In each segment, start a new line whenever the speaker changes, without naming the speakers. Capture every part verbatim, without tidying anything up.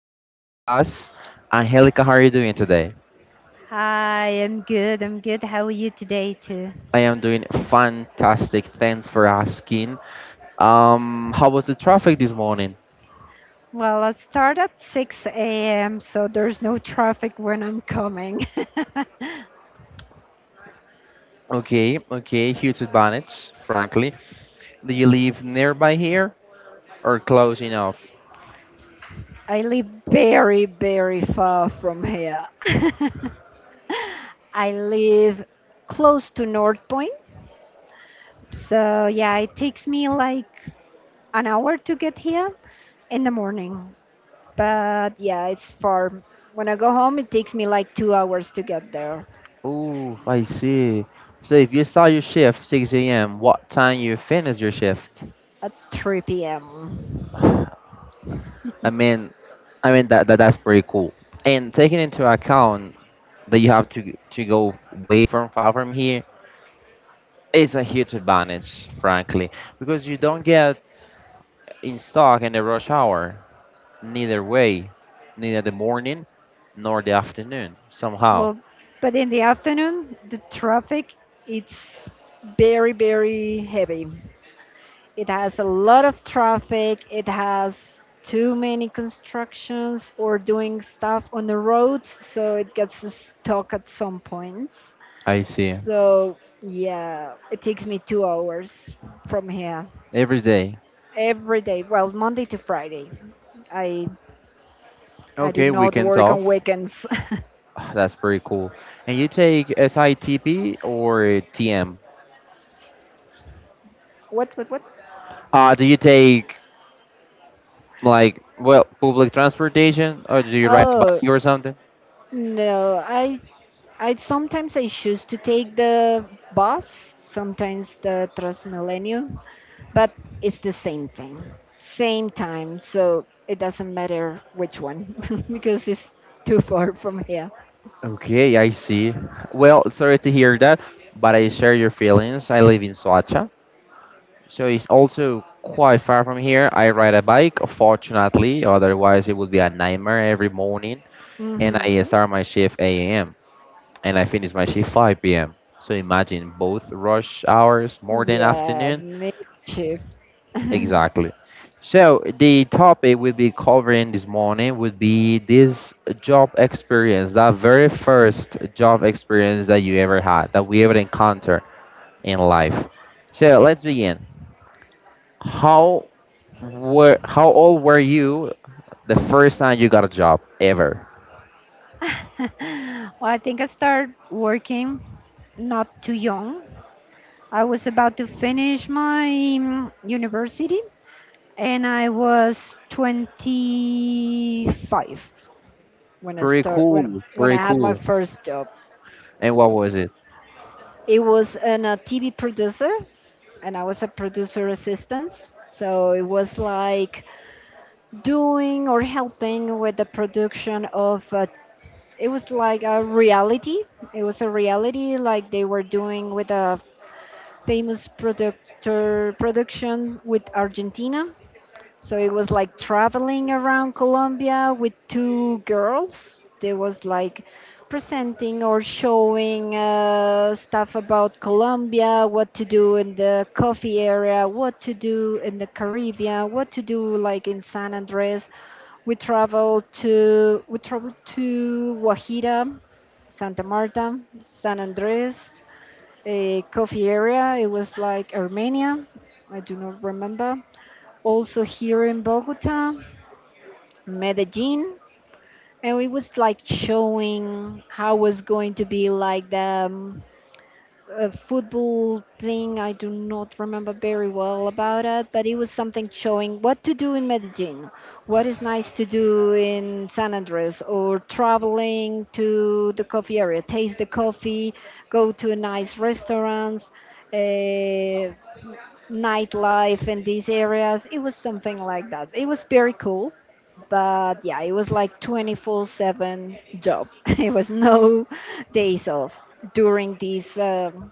guest with us. Angelica, how are you doing today?
Hi, I'm good. I'm good. How are you today, too?
I am doing fantastic. Thanks for asking. Um, how was the traffic this morning?
Well, I start at six a m, so there's no traffic when I'm coming.
Okay, okay. Huge advantage, frankly. Do you live nearby here or close enough?
I live very, very far from here. I live close to North Point, so yeah, it takes me like an hour to get here in the morning. But yeah, it's far. When I go home, it takes me like two hours to get there
Ooh, I see. So if you start your shift six a m, what time you finish your shift?
at three p m.
I mean, I mean that, that that's pretty cool. And taking into account that you have to to go way from far from here, it's a huge advantage, frankly, because you don't get in stock in the rush hour. Neither way, neither the morning nor the afternoon. Somehow,
Well, but in the afternoon, the traffic it's very, very heavy. It has a lot of traffic. It has too many constructions or doing stuff on the roads, so it gets us stuck at some points.
I see
So yeah, it takes me two hours from here
every day.
every day. Well, Monday to Friday. I I do
Okay,
not
weekends
work on
off.
weekends.
That's pretty cool. And you take S I T P or T M?
What, what, what?
Uh, do you take Like, well, public transportation, or do you ride a
Oh
bike or something?
no, I I sometimes I choose to take the bus, sometimes the Transmilenio, but it's the same thing, same time. So it doesn't matter which one because it's too far from here.
Okay, I see. Well, sorry to hear that, but I share your feelings. I live in Soacha, so it's also quite far from here. I ride a bike, fortunately, otherwise it would be a nightmare every morning. And I
Hmm.
start my shift eight a m and I finish my shift five p m. So imagine both rush hours, morning,
Yeah,
afternoon.
midshift.
Exactly. So the topic we'll be covering this morning would be this job experience, that very first job experience that you ever had, that we ever encounter in life. So let's begin. How were how old were you the first time you got a job ever?
Well, I think I started working not too young. I was about to finish my mm, university, and I was twenty-five when I
Pretty
start when
cool,
when I
pretty
had my
cool.
first job.
And what was it?
It was in a T V producer, and I was a producer assistant. So it was like doing or helping with the production of. A, it was like a reality. It was a reality like they were doing with a famous productor production with Argentina. So it was like traveling around Colombia with two girls. They was like presenting or showing uh, stuff about Colombia, what to do in the coffee area, what to do in the Caribbean, what to do like in San Andres. We traveled to we traveled to Guajira, Santa Marta, San Andres, a coffee area. It was like Armenia. I do not remember, also here in Bogota, Medellin, and it was like showing how was going to be like the um, a football thing. I do not remember very well about it, but it was something showing what to do in Medellin, what is nice to do in San Andres, or traveling to the coffee area, taste the coffee, go to nice restaurants. Uh, Nightlife in these areas. It was something like that. It was very cool, but yeah, it was like twenty-four seven job. It was no days off during this um,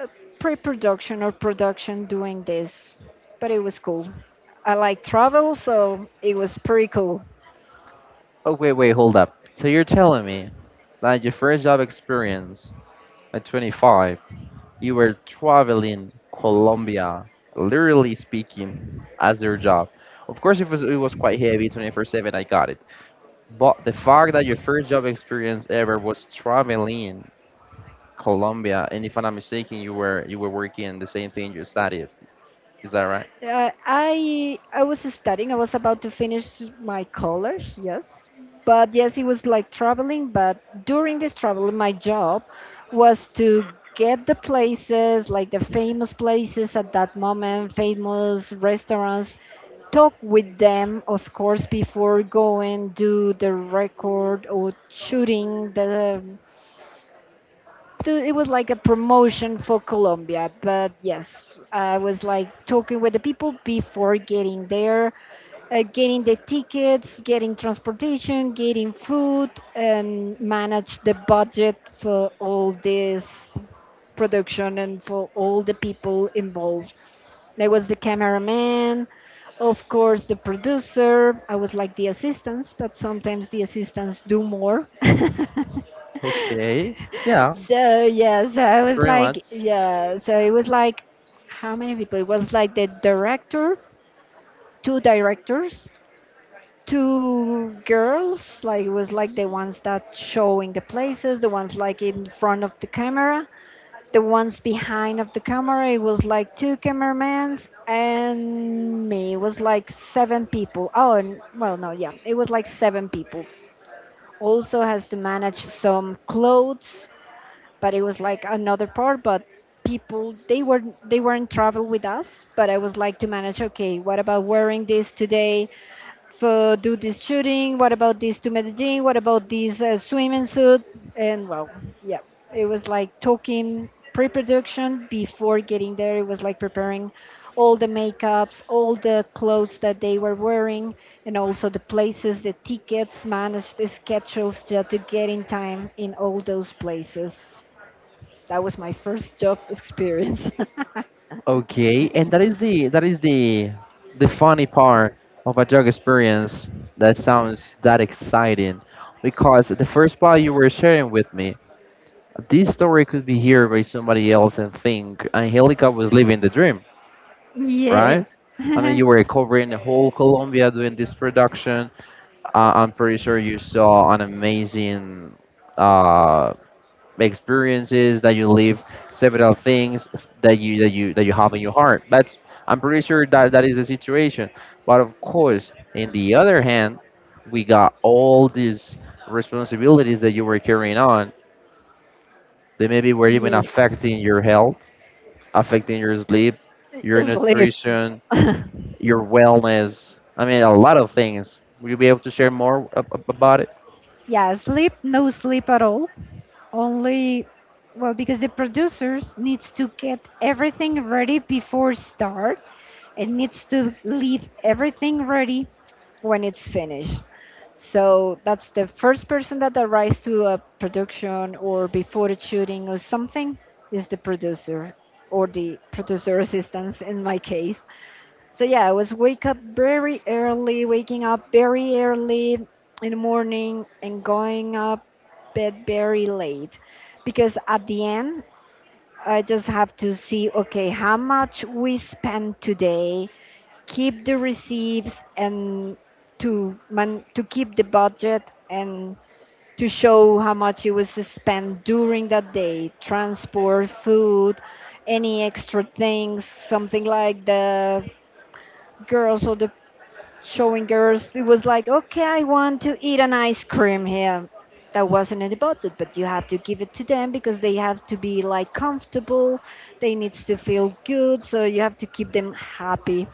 uh, pre-production or production doing this, but it was cool. I like travel, so it was pretty cool.
Oh, wait, wait, hold up. So you're telling me that your first job experience at twenty-five you were traveling Colombia, literally speaking, as their job. Of course, it was it was quite heavy, twenty-four seven. I got it, but the fact that your first job experience ever was traveling Colombia, and if I'm not mistaken, you were you were working the same thing you studied. Is that right?
Uh, I I was studying. I was about to finish my college. Yes, but yes, it was like traveling. But during this travel, my job was to get the places, like the famous places at that moment, famous restaurants. Talk with them, of course, before going do the record or shooting the th- it was like a promotion for Colombia. But yes, I was like talking with the people before getting there, uh, getting the tickets, getting transportation, getting food, and manage the budget for all this production and for all the people involved. There was the cameraman. Of course, the producer. I was like the assistants, but sometimes the assistants do more.
Okay, yeah,
So yeah, so I was
pretty much.
like, yeah, so it was like, how many people? It was like the director, two directors, two girls. Like it was like the ones that showing the places, the ones like in front of the camera, the ones behind of the camera. It was like two cameramans and me. It was like seven people. Oh, and well, no, yeah, it was like seven people. Also has to manage some clothes, but it was like another part. But people, they were they weren't travel with us, but I was like to manage, okay, what about wearing this today for do this shooting, what about this to Medellin, what about this uh, swimming suit? And well, yeah, it was like talking pre-production before getting there. It was like preparing all the makeups, all the clothes that they were wearing, and also the places, the tickets, managed the schedules just to get in time in all those places. That was my first job experience.
Okay, and that is the that is the the funny part of a drug experience that sounds that exciting, because the first part you were sharing with me, this story could be heard by somebody else and think Angelica was living the dream, right?
Yes.
I mean, you were covering the whole Colombia doing this production. Uh, I'm pretty sure you saw an amazing uh, experiences that you live, several things that you that you that you have in your heart. That's I'm pretty sure that that is the situation, but of course in the other hand we got all these responsibilities that you were carrying on that maybe were even
Yes.
affecting your health, affecting your sleep, your
Sleep.
nutrition, your wellness. I mean, a lot of things. Will you be able to share more ab- ab- about it?
Yeah, sleep, no sleep at all. Only, well, because the producers needs to get everything ready before start. It needs to leave everything ready when it's finished. So that's the first person that arrives to a production or before the shooting or something, is the producer or the producer assistants in my case. So yeah, I was wake up very early, waking up very early in the morning and going up bed very late, because at the end, I just have to see, okay, how much we spend today, keep the receipts and to man to keep the budget and to show how much it was spent during that day, transport, food, any extra things. Something like the girls or the showing girls, it was like, okay, I want to eat an ice cream here. That wasn't in the budget, but you have to give it to them because they have to be like comfortable, they needs to feel good, so you have to keep them happy.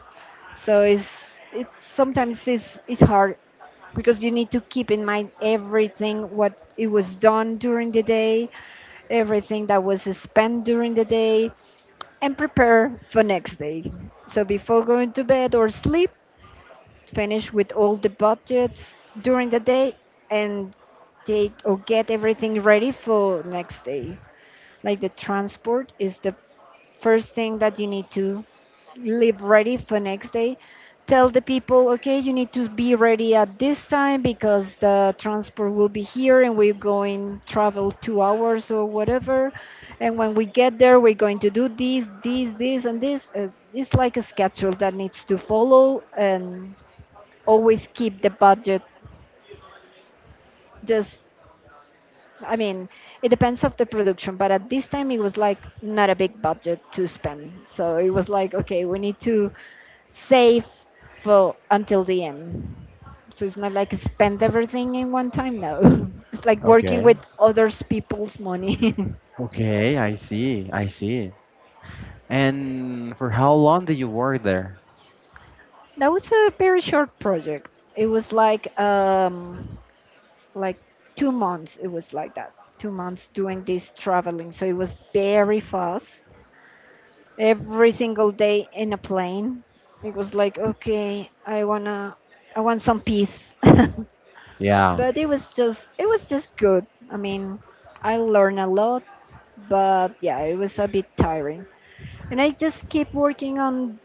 So it's it's sometimes it's it's hard because you need to keep in mind everything what it was done during the day, everything that was spent during the day, and prepare for next day. So before going to bed or sleep, finish with all the budgets during the day, and take or get everything ready for next day. Like the transport is the first thing that you need to live ready for next day. Tell the people, okay, you need to be ready at this time because the transport will be here, and we're going travel two hours or whatever, and when we get there, we're going to do this, this, this, and this. Uh, it's like a schedule that needs to follow and always keep the budget. Just, I mean, it depends of the production, but at this time it was like not a big budget to spend, so it was like, okay, we need to save for until the end. So it's not like spend everything in one time. No, it's like working
Okay,
with others people's money.
okay, I see, I see. And for how long did you work there?
That was a very short project. It was like um like two months. It was like that. Two months doing this traveling. So it was very fast. Every single day in a plane. It was like, okay, I wanna, I want some peace.
Yeah.
But it was just it was just good. I mean, I learned a lot, but yeah, it was a bit tiring. And I just keep working on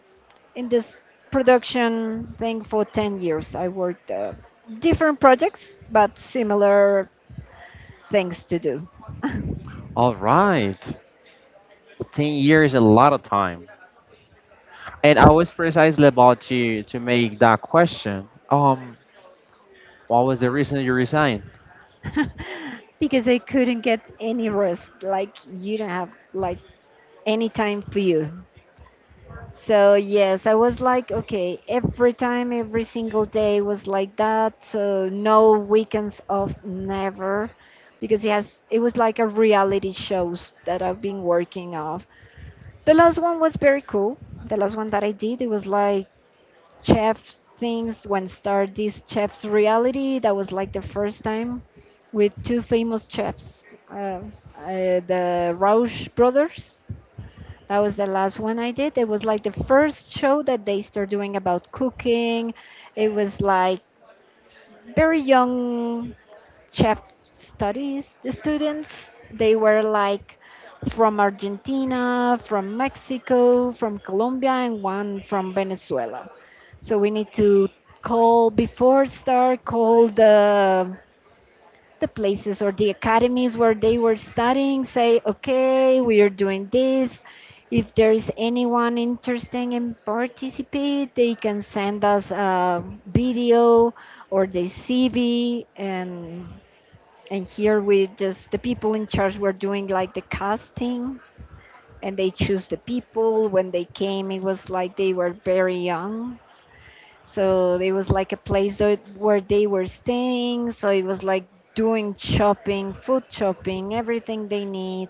in this production thing for ten years. I worked uh, different projects, but similar things to do.
All right. ten years, a lot of time. And I was precisely about to, to make that question. Um, what was the reason you resigned?
Because I couldn't get any rest. Like you don't have like any time for you. So yes, I was like, okay, every time, every single day was like that. So no weekends off, never, because he has. It was like a reality shows that I've been working off. The last one was very cool. The last one that I did, it was like chef things when start this chef's reality. That was like the first time with two famous chefs, uh, uh, the Rausch brothers. That was the last one I did. It was like the first show that they started doing about cooking. It was like very young chef studies the students. They were like from Argentina, from Mexico, from Colombia, and one from Venezuela. So we need to call before start, call the the places or the academies where they were studying, say, okay, we are doing this. If there is anyone interested in participate, they can send us a video or the C V, and and here we just the people in charge were doing like the casting, and they choose the people. When they came, it was like they were very young, so it was like a place tho- where they were staying. So it was like doing shopping, food shopping, everything they need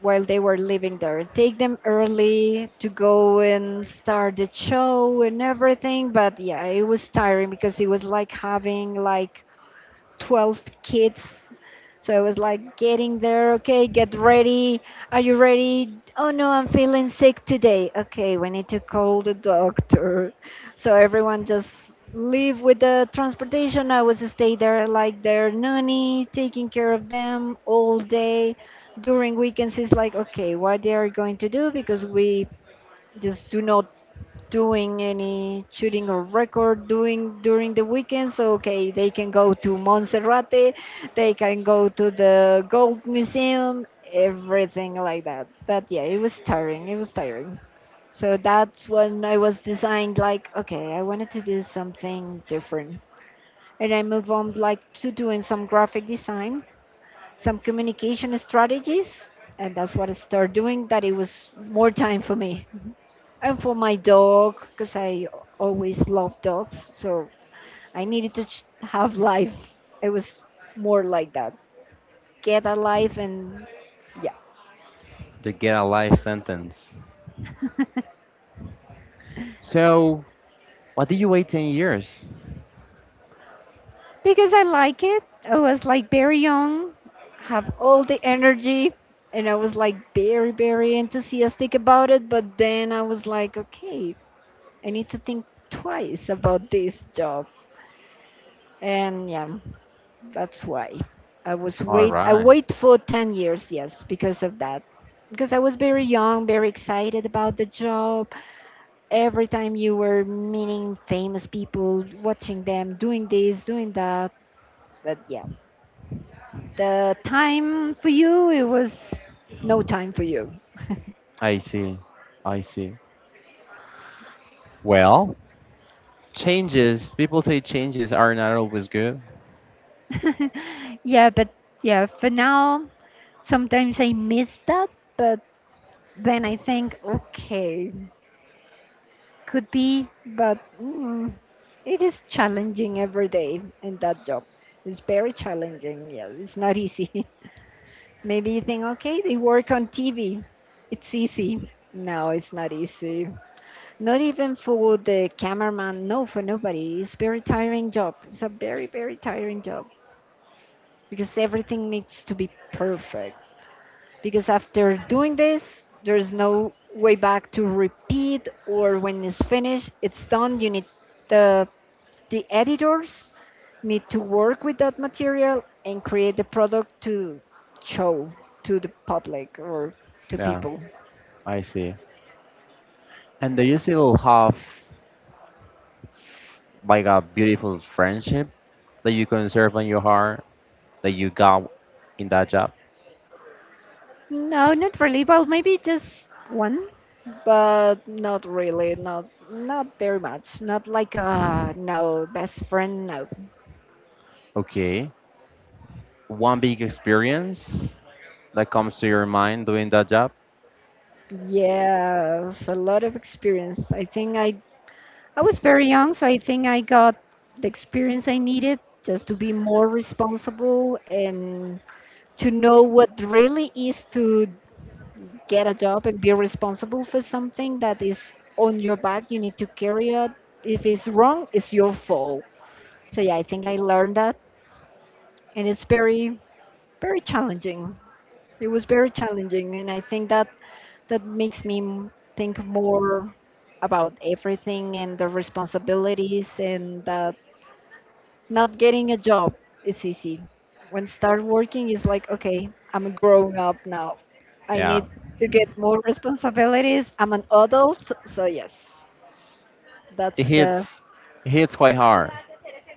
while they were living there. Take them early to go and start the show and everything. But yeah, it was tiring because it was like having like twelve kids. So it was like getting there, okay, get ready. Are you ready? Oh no, I'm feeling sick today. Okay, we need to call the doctor. So everyone just leave with the transportation. I was stay there like their nanny, taking care of them all day. During weekends, it's like, okay, what they are going to do because we just do not doing any shooting or record doing during the weekends. Okay, they can go to Monserrate, they can go to the gold museum, everything like that. But yeah, it was tiring, it was tiring. So that's when I was designed like, okay, I wanted to do something different, and I moved on like to doing some graphic design, some communication strategies. And that's what I started doing that. It was more time for me and for my dog, because I always love dogs. So I needed to ch- have life. It was more like that. Get a life. And yeah.
To get a life sentence. So, why did you wait ten years?
Because I like it. I was like very young. Have all the energy, and I was like very, very enthusiastic about it. But then I was like, okay, I need to think twice about this job. And yeah. That's why I was
All
wait. I
right.
wait for ten years, yes, because of that. Because I was very young, very excited about the job. Every time you were meeting famous people, watching them doing this, doing that. But yeah, the time for you, it was no time for you.
I see. I see. Well, changes, people say changes are not always good.
Yeah, but yeah, for now, sometimes I miss that. But then I think, okay, could be but mm, it is challenging every day in that job. It's very challenging. Yeah, it's not easy. Maybe you think, okay, they work on T V. It's easy. No, it's not easy. Not even for the cameraman. No, for nobody. It's very tiring job. It's a very, very tiring job, because everything needs to be perfect. Because after doing this, there's no way back to repeat, or when it's finished, it's done. You need the the editors need to work with that material and create the product to show to the public or to
Yeah,
people.
I see. And do you still have like a beautiful friendship that you conserve in your heart that you got in that job?
No, not really. Well, maybe just one. But not really, not not very much, not like uh no, best friend, no.
Okay. One big experience that comes to your mind doing that job?
Yes, a lot of experience. I think i I was very young, so I think I got the experience I needed just to be more responsible and to know what really is to get a job and be responsible for something that is on your back. You need to carry it. If it's wrong, it's your fault. So yeah, I think I learned that, and it's very, very challenging. It was very challenging, and I think that that makes me m- think more about everything and the responsibilities and that. Not getting a job is easy. When start working, it's like, okay, I'm growing up now. I
Yeah.
need to get more responsibilities. I'm an adult, so yes, that's
It
the
hits it hits quite hard.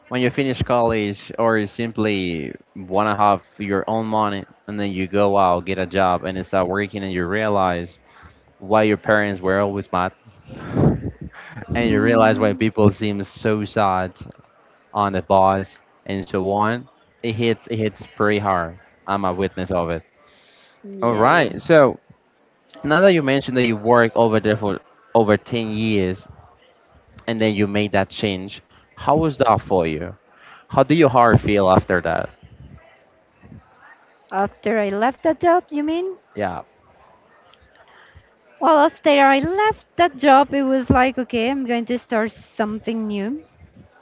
When you finish college or you simply wanna have your own money and then you go out, get a job and start working and you realize why your parents were always mad. And you realize why people seem so sad on the bus and so on. It hits it hits pretty hard. I'm a witness of it. All
yeah.
right. So now that you mentioned that you worked over there for over ten years and then you made that change, how was that for you? How do your heart feel after that?
After I left that job, you mean?
Yeah.
Well, after I left that job, it was like, okay, I'm going to start something new.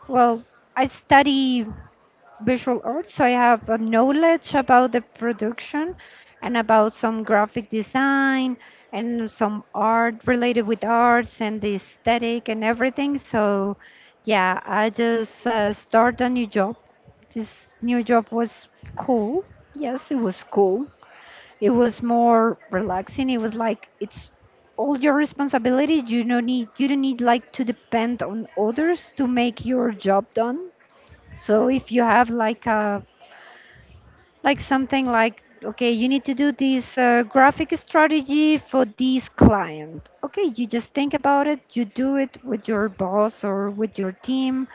Well, I study visual arts. So I have a knowledge about the production and about some graphic design and some art related with arts and the aesthetic and everything. So yeah, I just uh, started a new job. This new job was cool. Yes, it was cool. It was more relaxing. It was like it's all your responsibility. You don't need you don't need like to depend on others to make your job done. So if you have like a like something, like okay, you need to do this uh, graphic strategy for this client. Okay, you just think about it, you do it with your boss or with your team,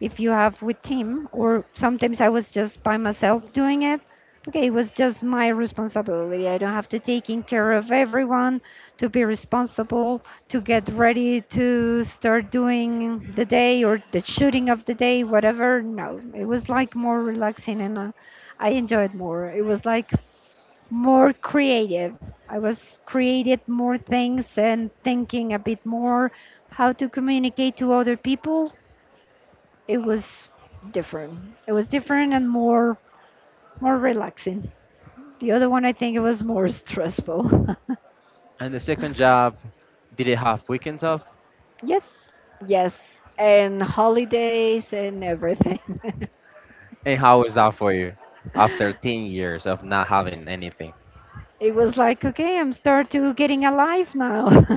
if you have with team. Or sometimes I was just by myself doing it. Okay, it was just my responsibility. I don't have to taking care of everyone, to be responsible, to get ready to start doing the day or the shooting of the day, whatever. No, it was like more relaxing, and uh, I enjoyed more. It was like more creative. I was created more things and thinking a bit more how to communicate to other people. It was different. It was different and more, more relaxing. The other one I think it was more stressful.
And the second job, did it have weekends off?
Yes. Yes. And holidays and everything.
And how was that for you after ten years of not having anything?
It was like, okay, I'm start to getting alive now.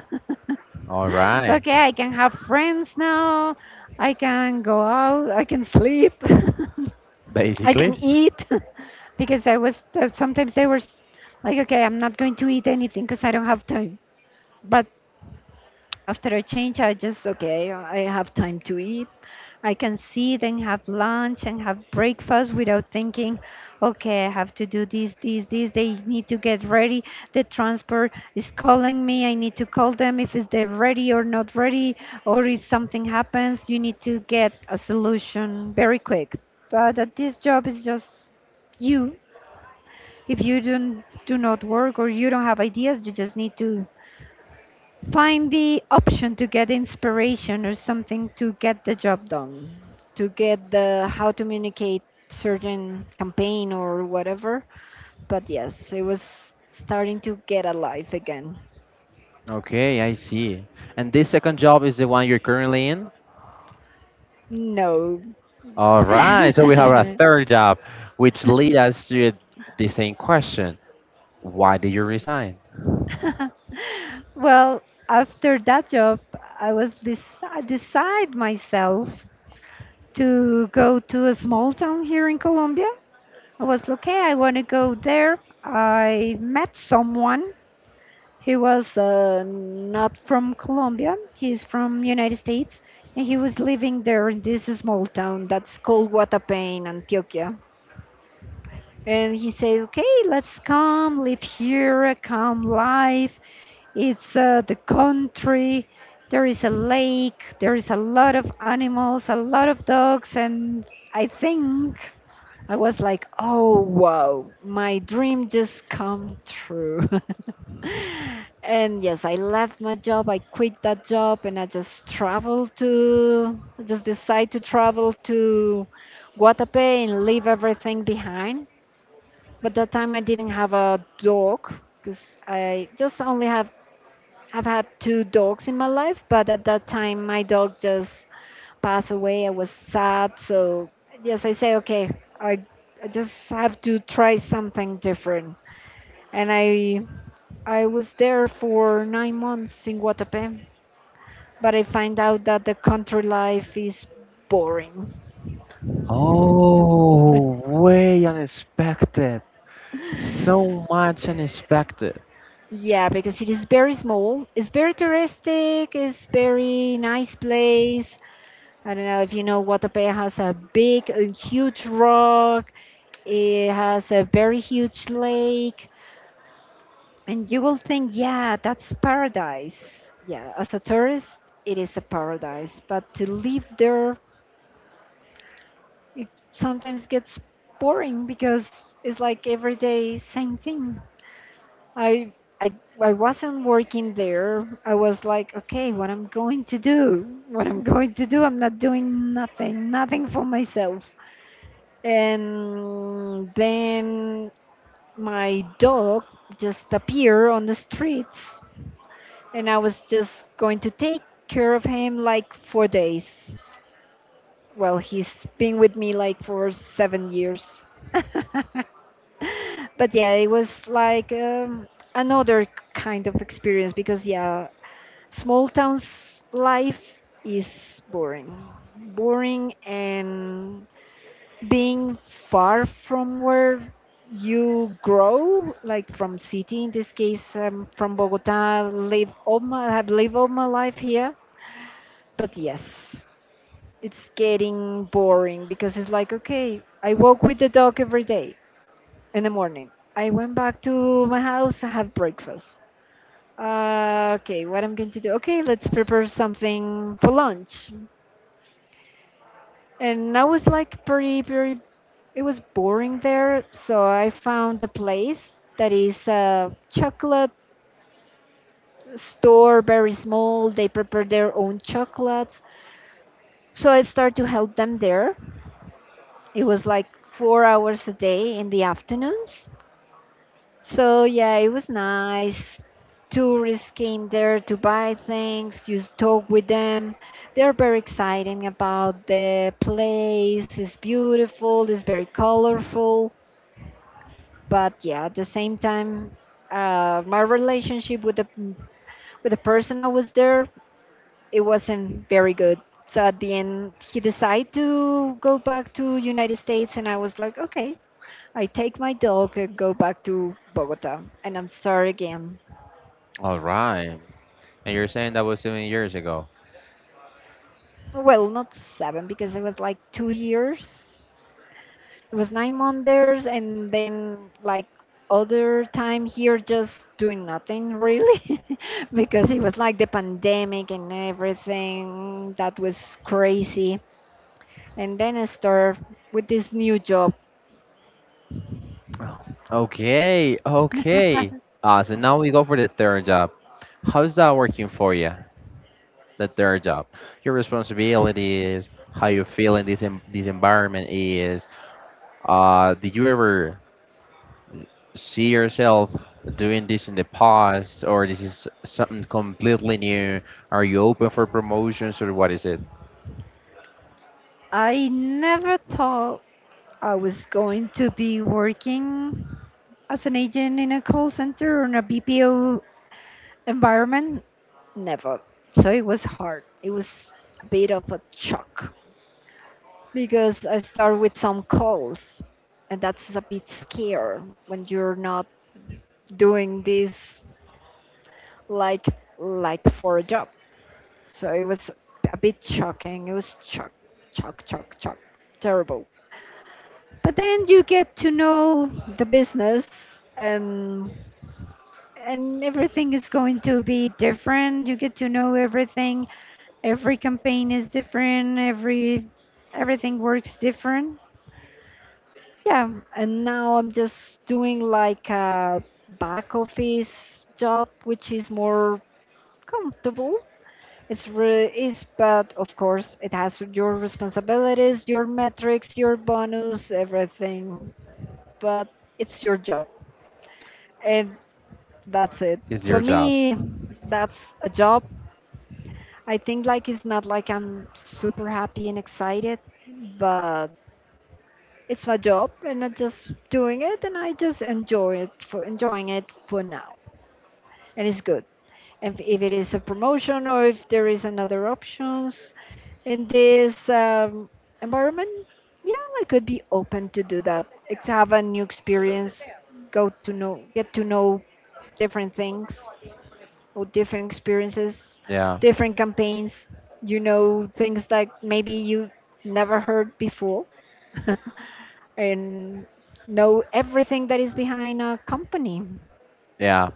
All right.
Okay, I can have friends now. I can go out. I can sleep. I can
Basically,
eat because I was uh, sometimes they were s- like, okay, I'm not going to eat anything because I don't have time. But after a change, I just okay, I have time to eat. I can sit and have lunch and have breakfast without thinking, okay, I have to do this, this, this. They need to get ready. The transport is calling me. I need to call them if is they ready or not ready, or if something happens, you need to get a solution very quick. But at this job is just you. If you don't do not work or you don't have ideas, you just need to find the option to get inspiration or something to get the job done, to get the how to communicate certain campaign or whatever. But yes, it was starting to get alive again.
okay, I see. And this second job is the one you're currently in?
No.
All right, so we have a third job, which lead us to the same question. Why did you resign?
Well, after that job, I was deci- decide myself to go to a small town here in Colombia. I was okay. I want to go there. I met someone. He was uh, not from Colombia. He's from United States, and he was living there in this small town that's called Guatapé in Antioquia. And he said, "Okay, let's come live here, a calm life. It's uh, the country. There is a lake. There is a lot of animals, a lot of dogs, and I think." I was like, oh wow, my dream just come true. And yes, I left my job. I quit that job and I just traveled to, I just decided to travel to Guatapé and leave everything behind. But that time I didn't have a dog because I just only have have had two dogs in my life, but at that time my dog just passed away. I was sad, so yes, I say okay, I I just have to try something different. And I I was there for nine months in Guatapé, but I find out that the country life is boring.
Oh, way unexpected. So much unexpected.
Yeah, because it is very small. It's very touristic. It's very nice place. I don't know if you know Guatapé has a big, a huge rock. It has a very huge lake, and you will think, yeah, that's paradise. Yeah, as a tourist, it is a paradise. But to live there it sometimes gets boring because it's like every day same thing. I I I wasn't working there. I was like, okay, what I'm going to do? What I'm going to do? I'm not doing nothing, nothing for myself. And then my dog just appeared on the streets, and I was just going to take care of him like four days. Well, he's been with me like for seven years. But yeah, it was like um, another kind of experience, because yeah, small towns life is boring, boring. And being far from where you grow, like from city in this case, um, from Bogota. Live all my have lived all my life here, but yes, it's getting boring because it's like okay, I walk with the dog every day in the morning. I went back to my house and have breakfast. Uh, okay, what I'm going to do? Okay, let's prepare something for lunch. And I was like pretty, pretty. It was boring there, so I found a place that is a chocolate store, very small. They prepare their own chocolates, so I started to help them there. It was like four hours a day in the afternoons. So yeah, it was nice. Tourists came there to buy things, you talk with them. They're very exciting about the place. It's beautiful, it's very colorful. But yeah, at the same time, uh, my relationship with the with the person I was there, it wasn't very good. So at the end, he decided to go back to United States, and I was like, okay, I take my dog and go back to Bogota, and I'm sorry again.
All right. And you're saying that was seven years ago.
Well, not seven because it was like two years. It was nine months and then like other time here just doing nothing really because it was like the pandemic and everything that was crazy. And then I start with this new job.
Oh, okay, okay. Uh, so now we go for the third job. How's that working for you? The third job. Your responsibilities, how you feel in this, en- this environment is. Uh, did you ever see yourself doing this in the past, or this is something completely new? Are you open for promotions, or what is it?
I never thought I was going to be working as an agent in a call center or in a B P O environment. Never. So it was hard. It was a bit of a shock because I start with some calls, and that's a bit scare when you're not doing this like like for a job. So it was a bit shocking. It was shock, shock, shock, shock, terrible. But then you get to know the business and and everything is going to be different. You get to know everything. Every campaign is different. Every everything works different, yeah. And now I'm just doing like a back office job, which is more comfortable. It's re- is, but of course it has your responsibilities, your metrics, your bonus, everything. But it's your job. And that's it
It's
for
your job.
me. That's a job. I think like it's not like I'm super happy and excited. But it's my job and I'm just doing it and I just enjoy it for enjoying it for now. And it's good. And if it is a promotion or if there is another options in this um, environment, yeah, I could be open to do that. It's have a new experience, go to know, get to know different things or different experiences,
Yeah,
different campaigns, you know, things that maybe you never heard before. And know everything that is behind a company.
yeah.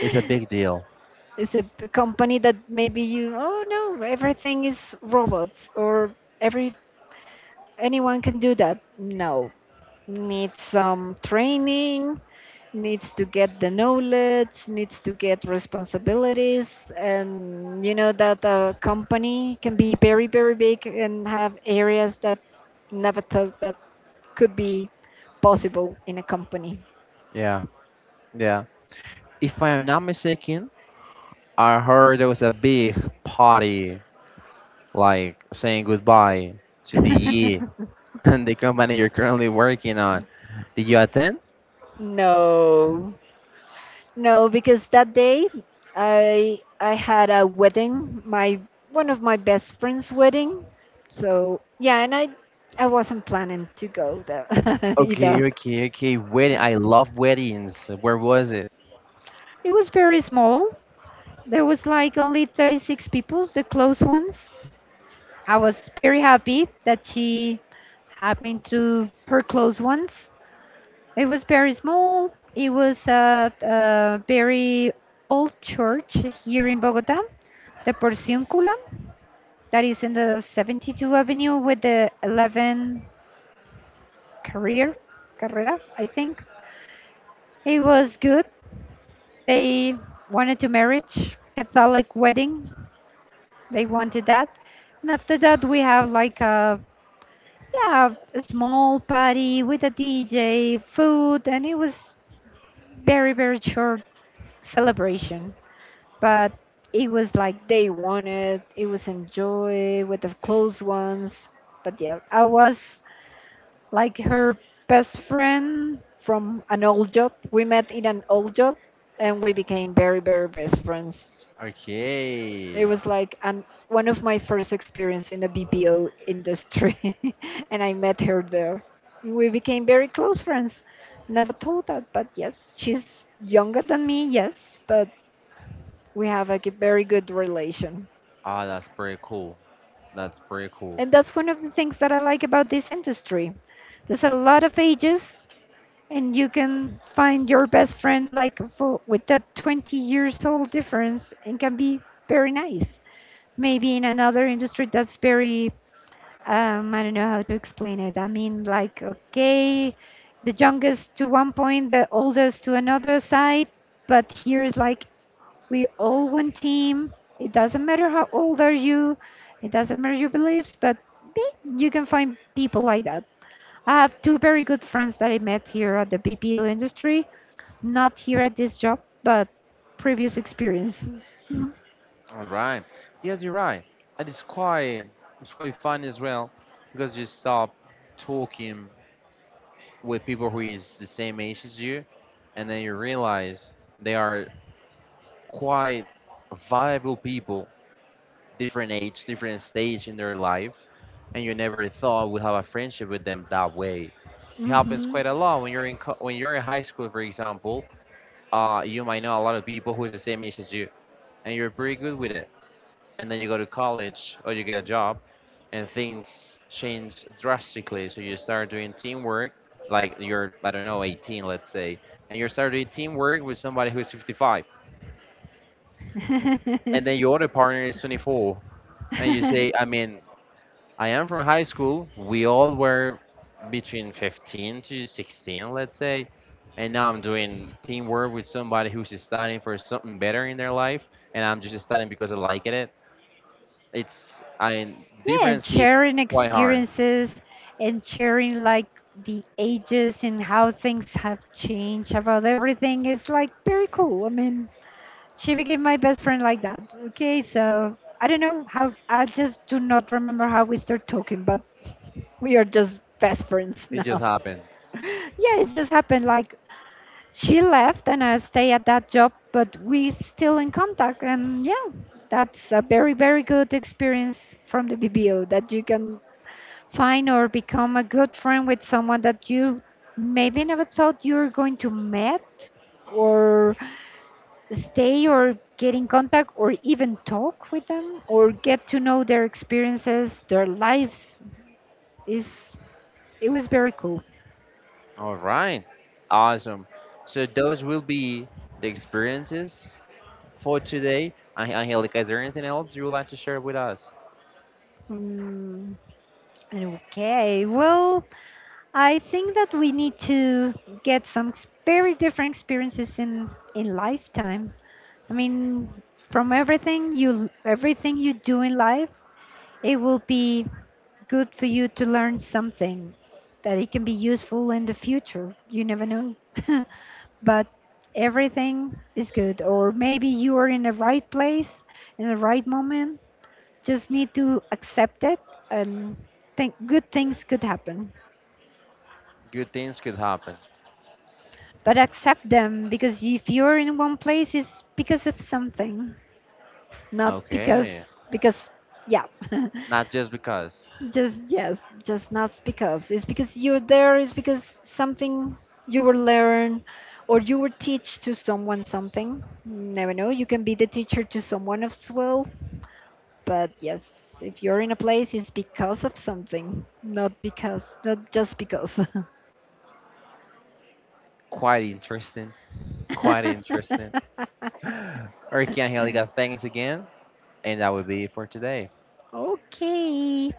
It's a big deal.
It's a p- company that maybe you, oh no, everything is robots or every anyone can do that. No, needs some training, needs to get the knowledge, needs to get responsibilities, and you know that a company can be very very big and have areas that never thought that could be possible in a company.
Yeah, yeah. If I am not mistaken, I heard there was a big party, like saying goodbye to the year and the company you're currently working on. Did you attend?
No, no, because that day I I had a wedding, my one of my best friend's wedding. So yeah, and I I wasn't planning to go though either.
Okay, okay, okay. Wedding. I love weddings. Where was it?
It was very small. There was like only thirty-six people, the close ones. I was very happy that she had me to her close ones. It was very small. It was at a very old church here in Bogota, the Porciúncula, that is in the seventy-two Avenue with the eleven career carrera, I think. It was good. They wanted to marriage, Catholic wedding. They wanted that. And after that, we have like a yeah, a small party with a D J, food, and it was very very short celebration. But it was like they wanted. It was enjoy with the close ones. But yeah, I was like her best friend from an old job. We met in an old job and we became very, very best friends. It
Okay.
was like an, one of my first experience in the B P O industry and I met her there. We became very close friends. Never thought that, but yes, she's younger than me, yes, but we have like a g- very good relation.
Ah, that's pretty cool. That's pretty cool.
And that's one of the things that I like about this industry. There's a lot of ages and you can find your best friend like for, with that twenty years old difference and can be very nice maybe in another industry that's very um, I don't know how to explain it. I mean, like, okay, the youngest to one point, the oldest to another side, but here is like we all one team. It doesn't matter how old are you. It doesn't matter your beliefs, but eh, you can find people like that. I have two very good friends that I met here at the B P O industry, not here at this job, but previous experiences.
All right. Yes, you're right. And it's quite it's quite fun as well, because you stop talking with people who is the same age as you, and then you realize they are quite viable people, different age, different stage in their life, and you never thought would have a friendship with them that way. It happens
Hmm.
quite a lot when you're in co- when you're in high school, for example. Uh, you might know a lot of people who is the same age as you, and you're pretty good with it. And then you go to college or you get a job, and things change drastically. So you start doing teamwork, like you're I don't know eighteen, let's say, and you start doing teamwork with somebody who is fifty-five,
Yeah,
and then your other partner is twenty-four, and you say, I mean, I am from high school. We all were between fifteen to sixteen, let's say. And now I'm doing teamwork with somebody who's just studying for something better in their life. And I'm just studying because I like it. It's, I,
and
Difference hits
sharing
quite hard.
experiences and sharing like the ages and how things have changed about everything is like very cool. I mean, she became my best friend like that. Okay, so I don't know how, I just do not remember how we start talking, but we are just best friends
It just
now.
happened.
Yeah, it just happened like she left and I stay at that job, but we still in contact. And yeah, that's a very, very good experience from the B B O that you can find or become a good friend with someone that you maybe never thought you were going to meet or stay or get in contact or even talk with them or get to know their experiences, their lives is it was very cool.
All right. Awesome. So those will be the experiences for today. An- Angelica, is there anything else you would like to share with us?
Mm, okay, well, I think that we need to get some ex- very different experiences in in lifetime. I mean, from everything you everything you do in life, it will be good for you to learn something that it can be useful in the future. You never know. But everything is good or maybe you are in the right place in the right moment. Just need to accept it and think good things could happen.
Good things could happen.
But accept them because if you're in one place it's because of something, not
Okay.
because because Yeah.
Not just because.
Just yes, just not because. It's because you're there. It's because something you will learn or you will teach to someone something. Never know, you can be the teacher to someone as well. But yes, if you're in a place, it's because of something, not because, not just because.
Quite interesting. Quite interesting. Ricky Angelica, thanks again. And that will be it for today.
Okay.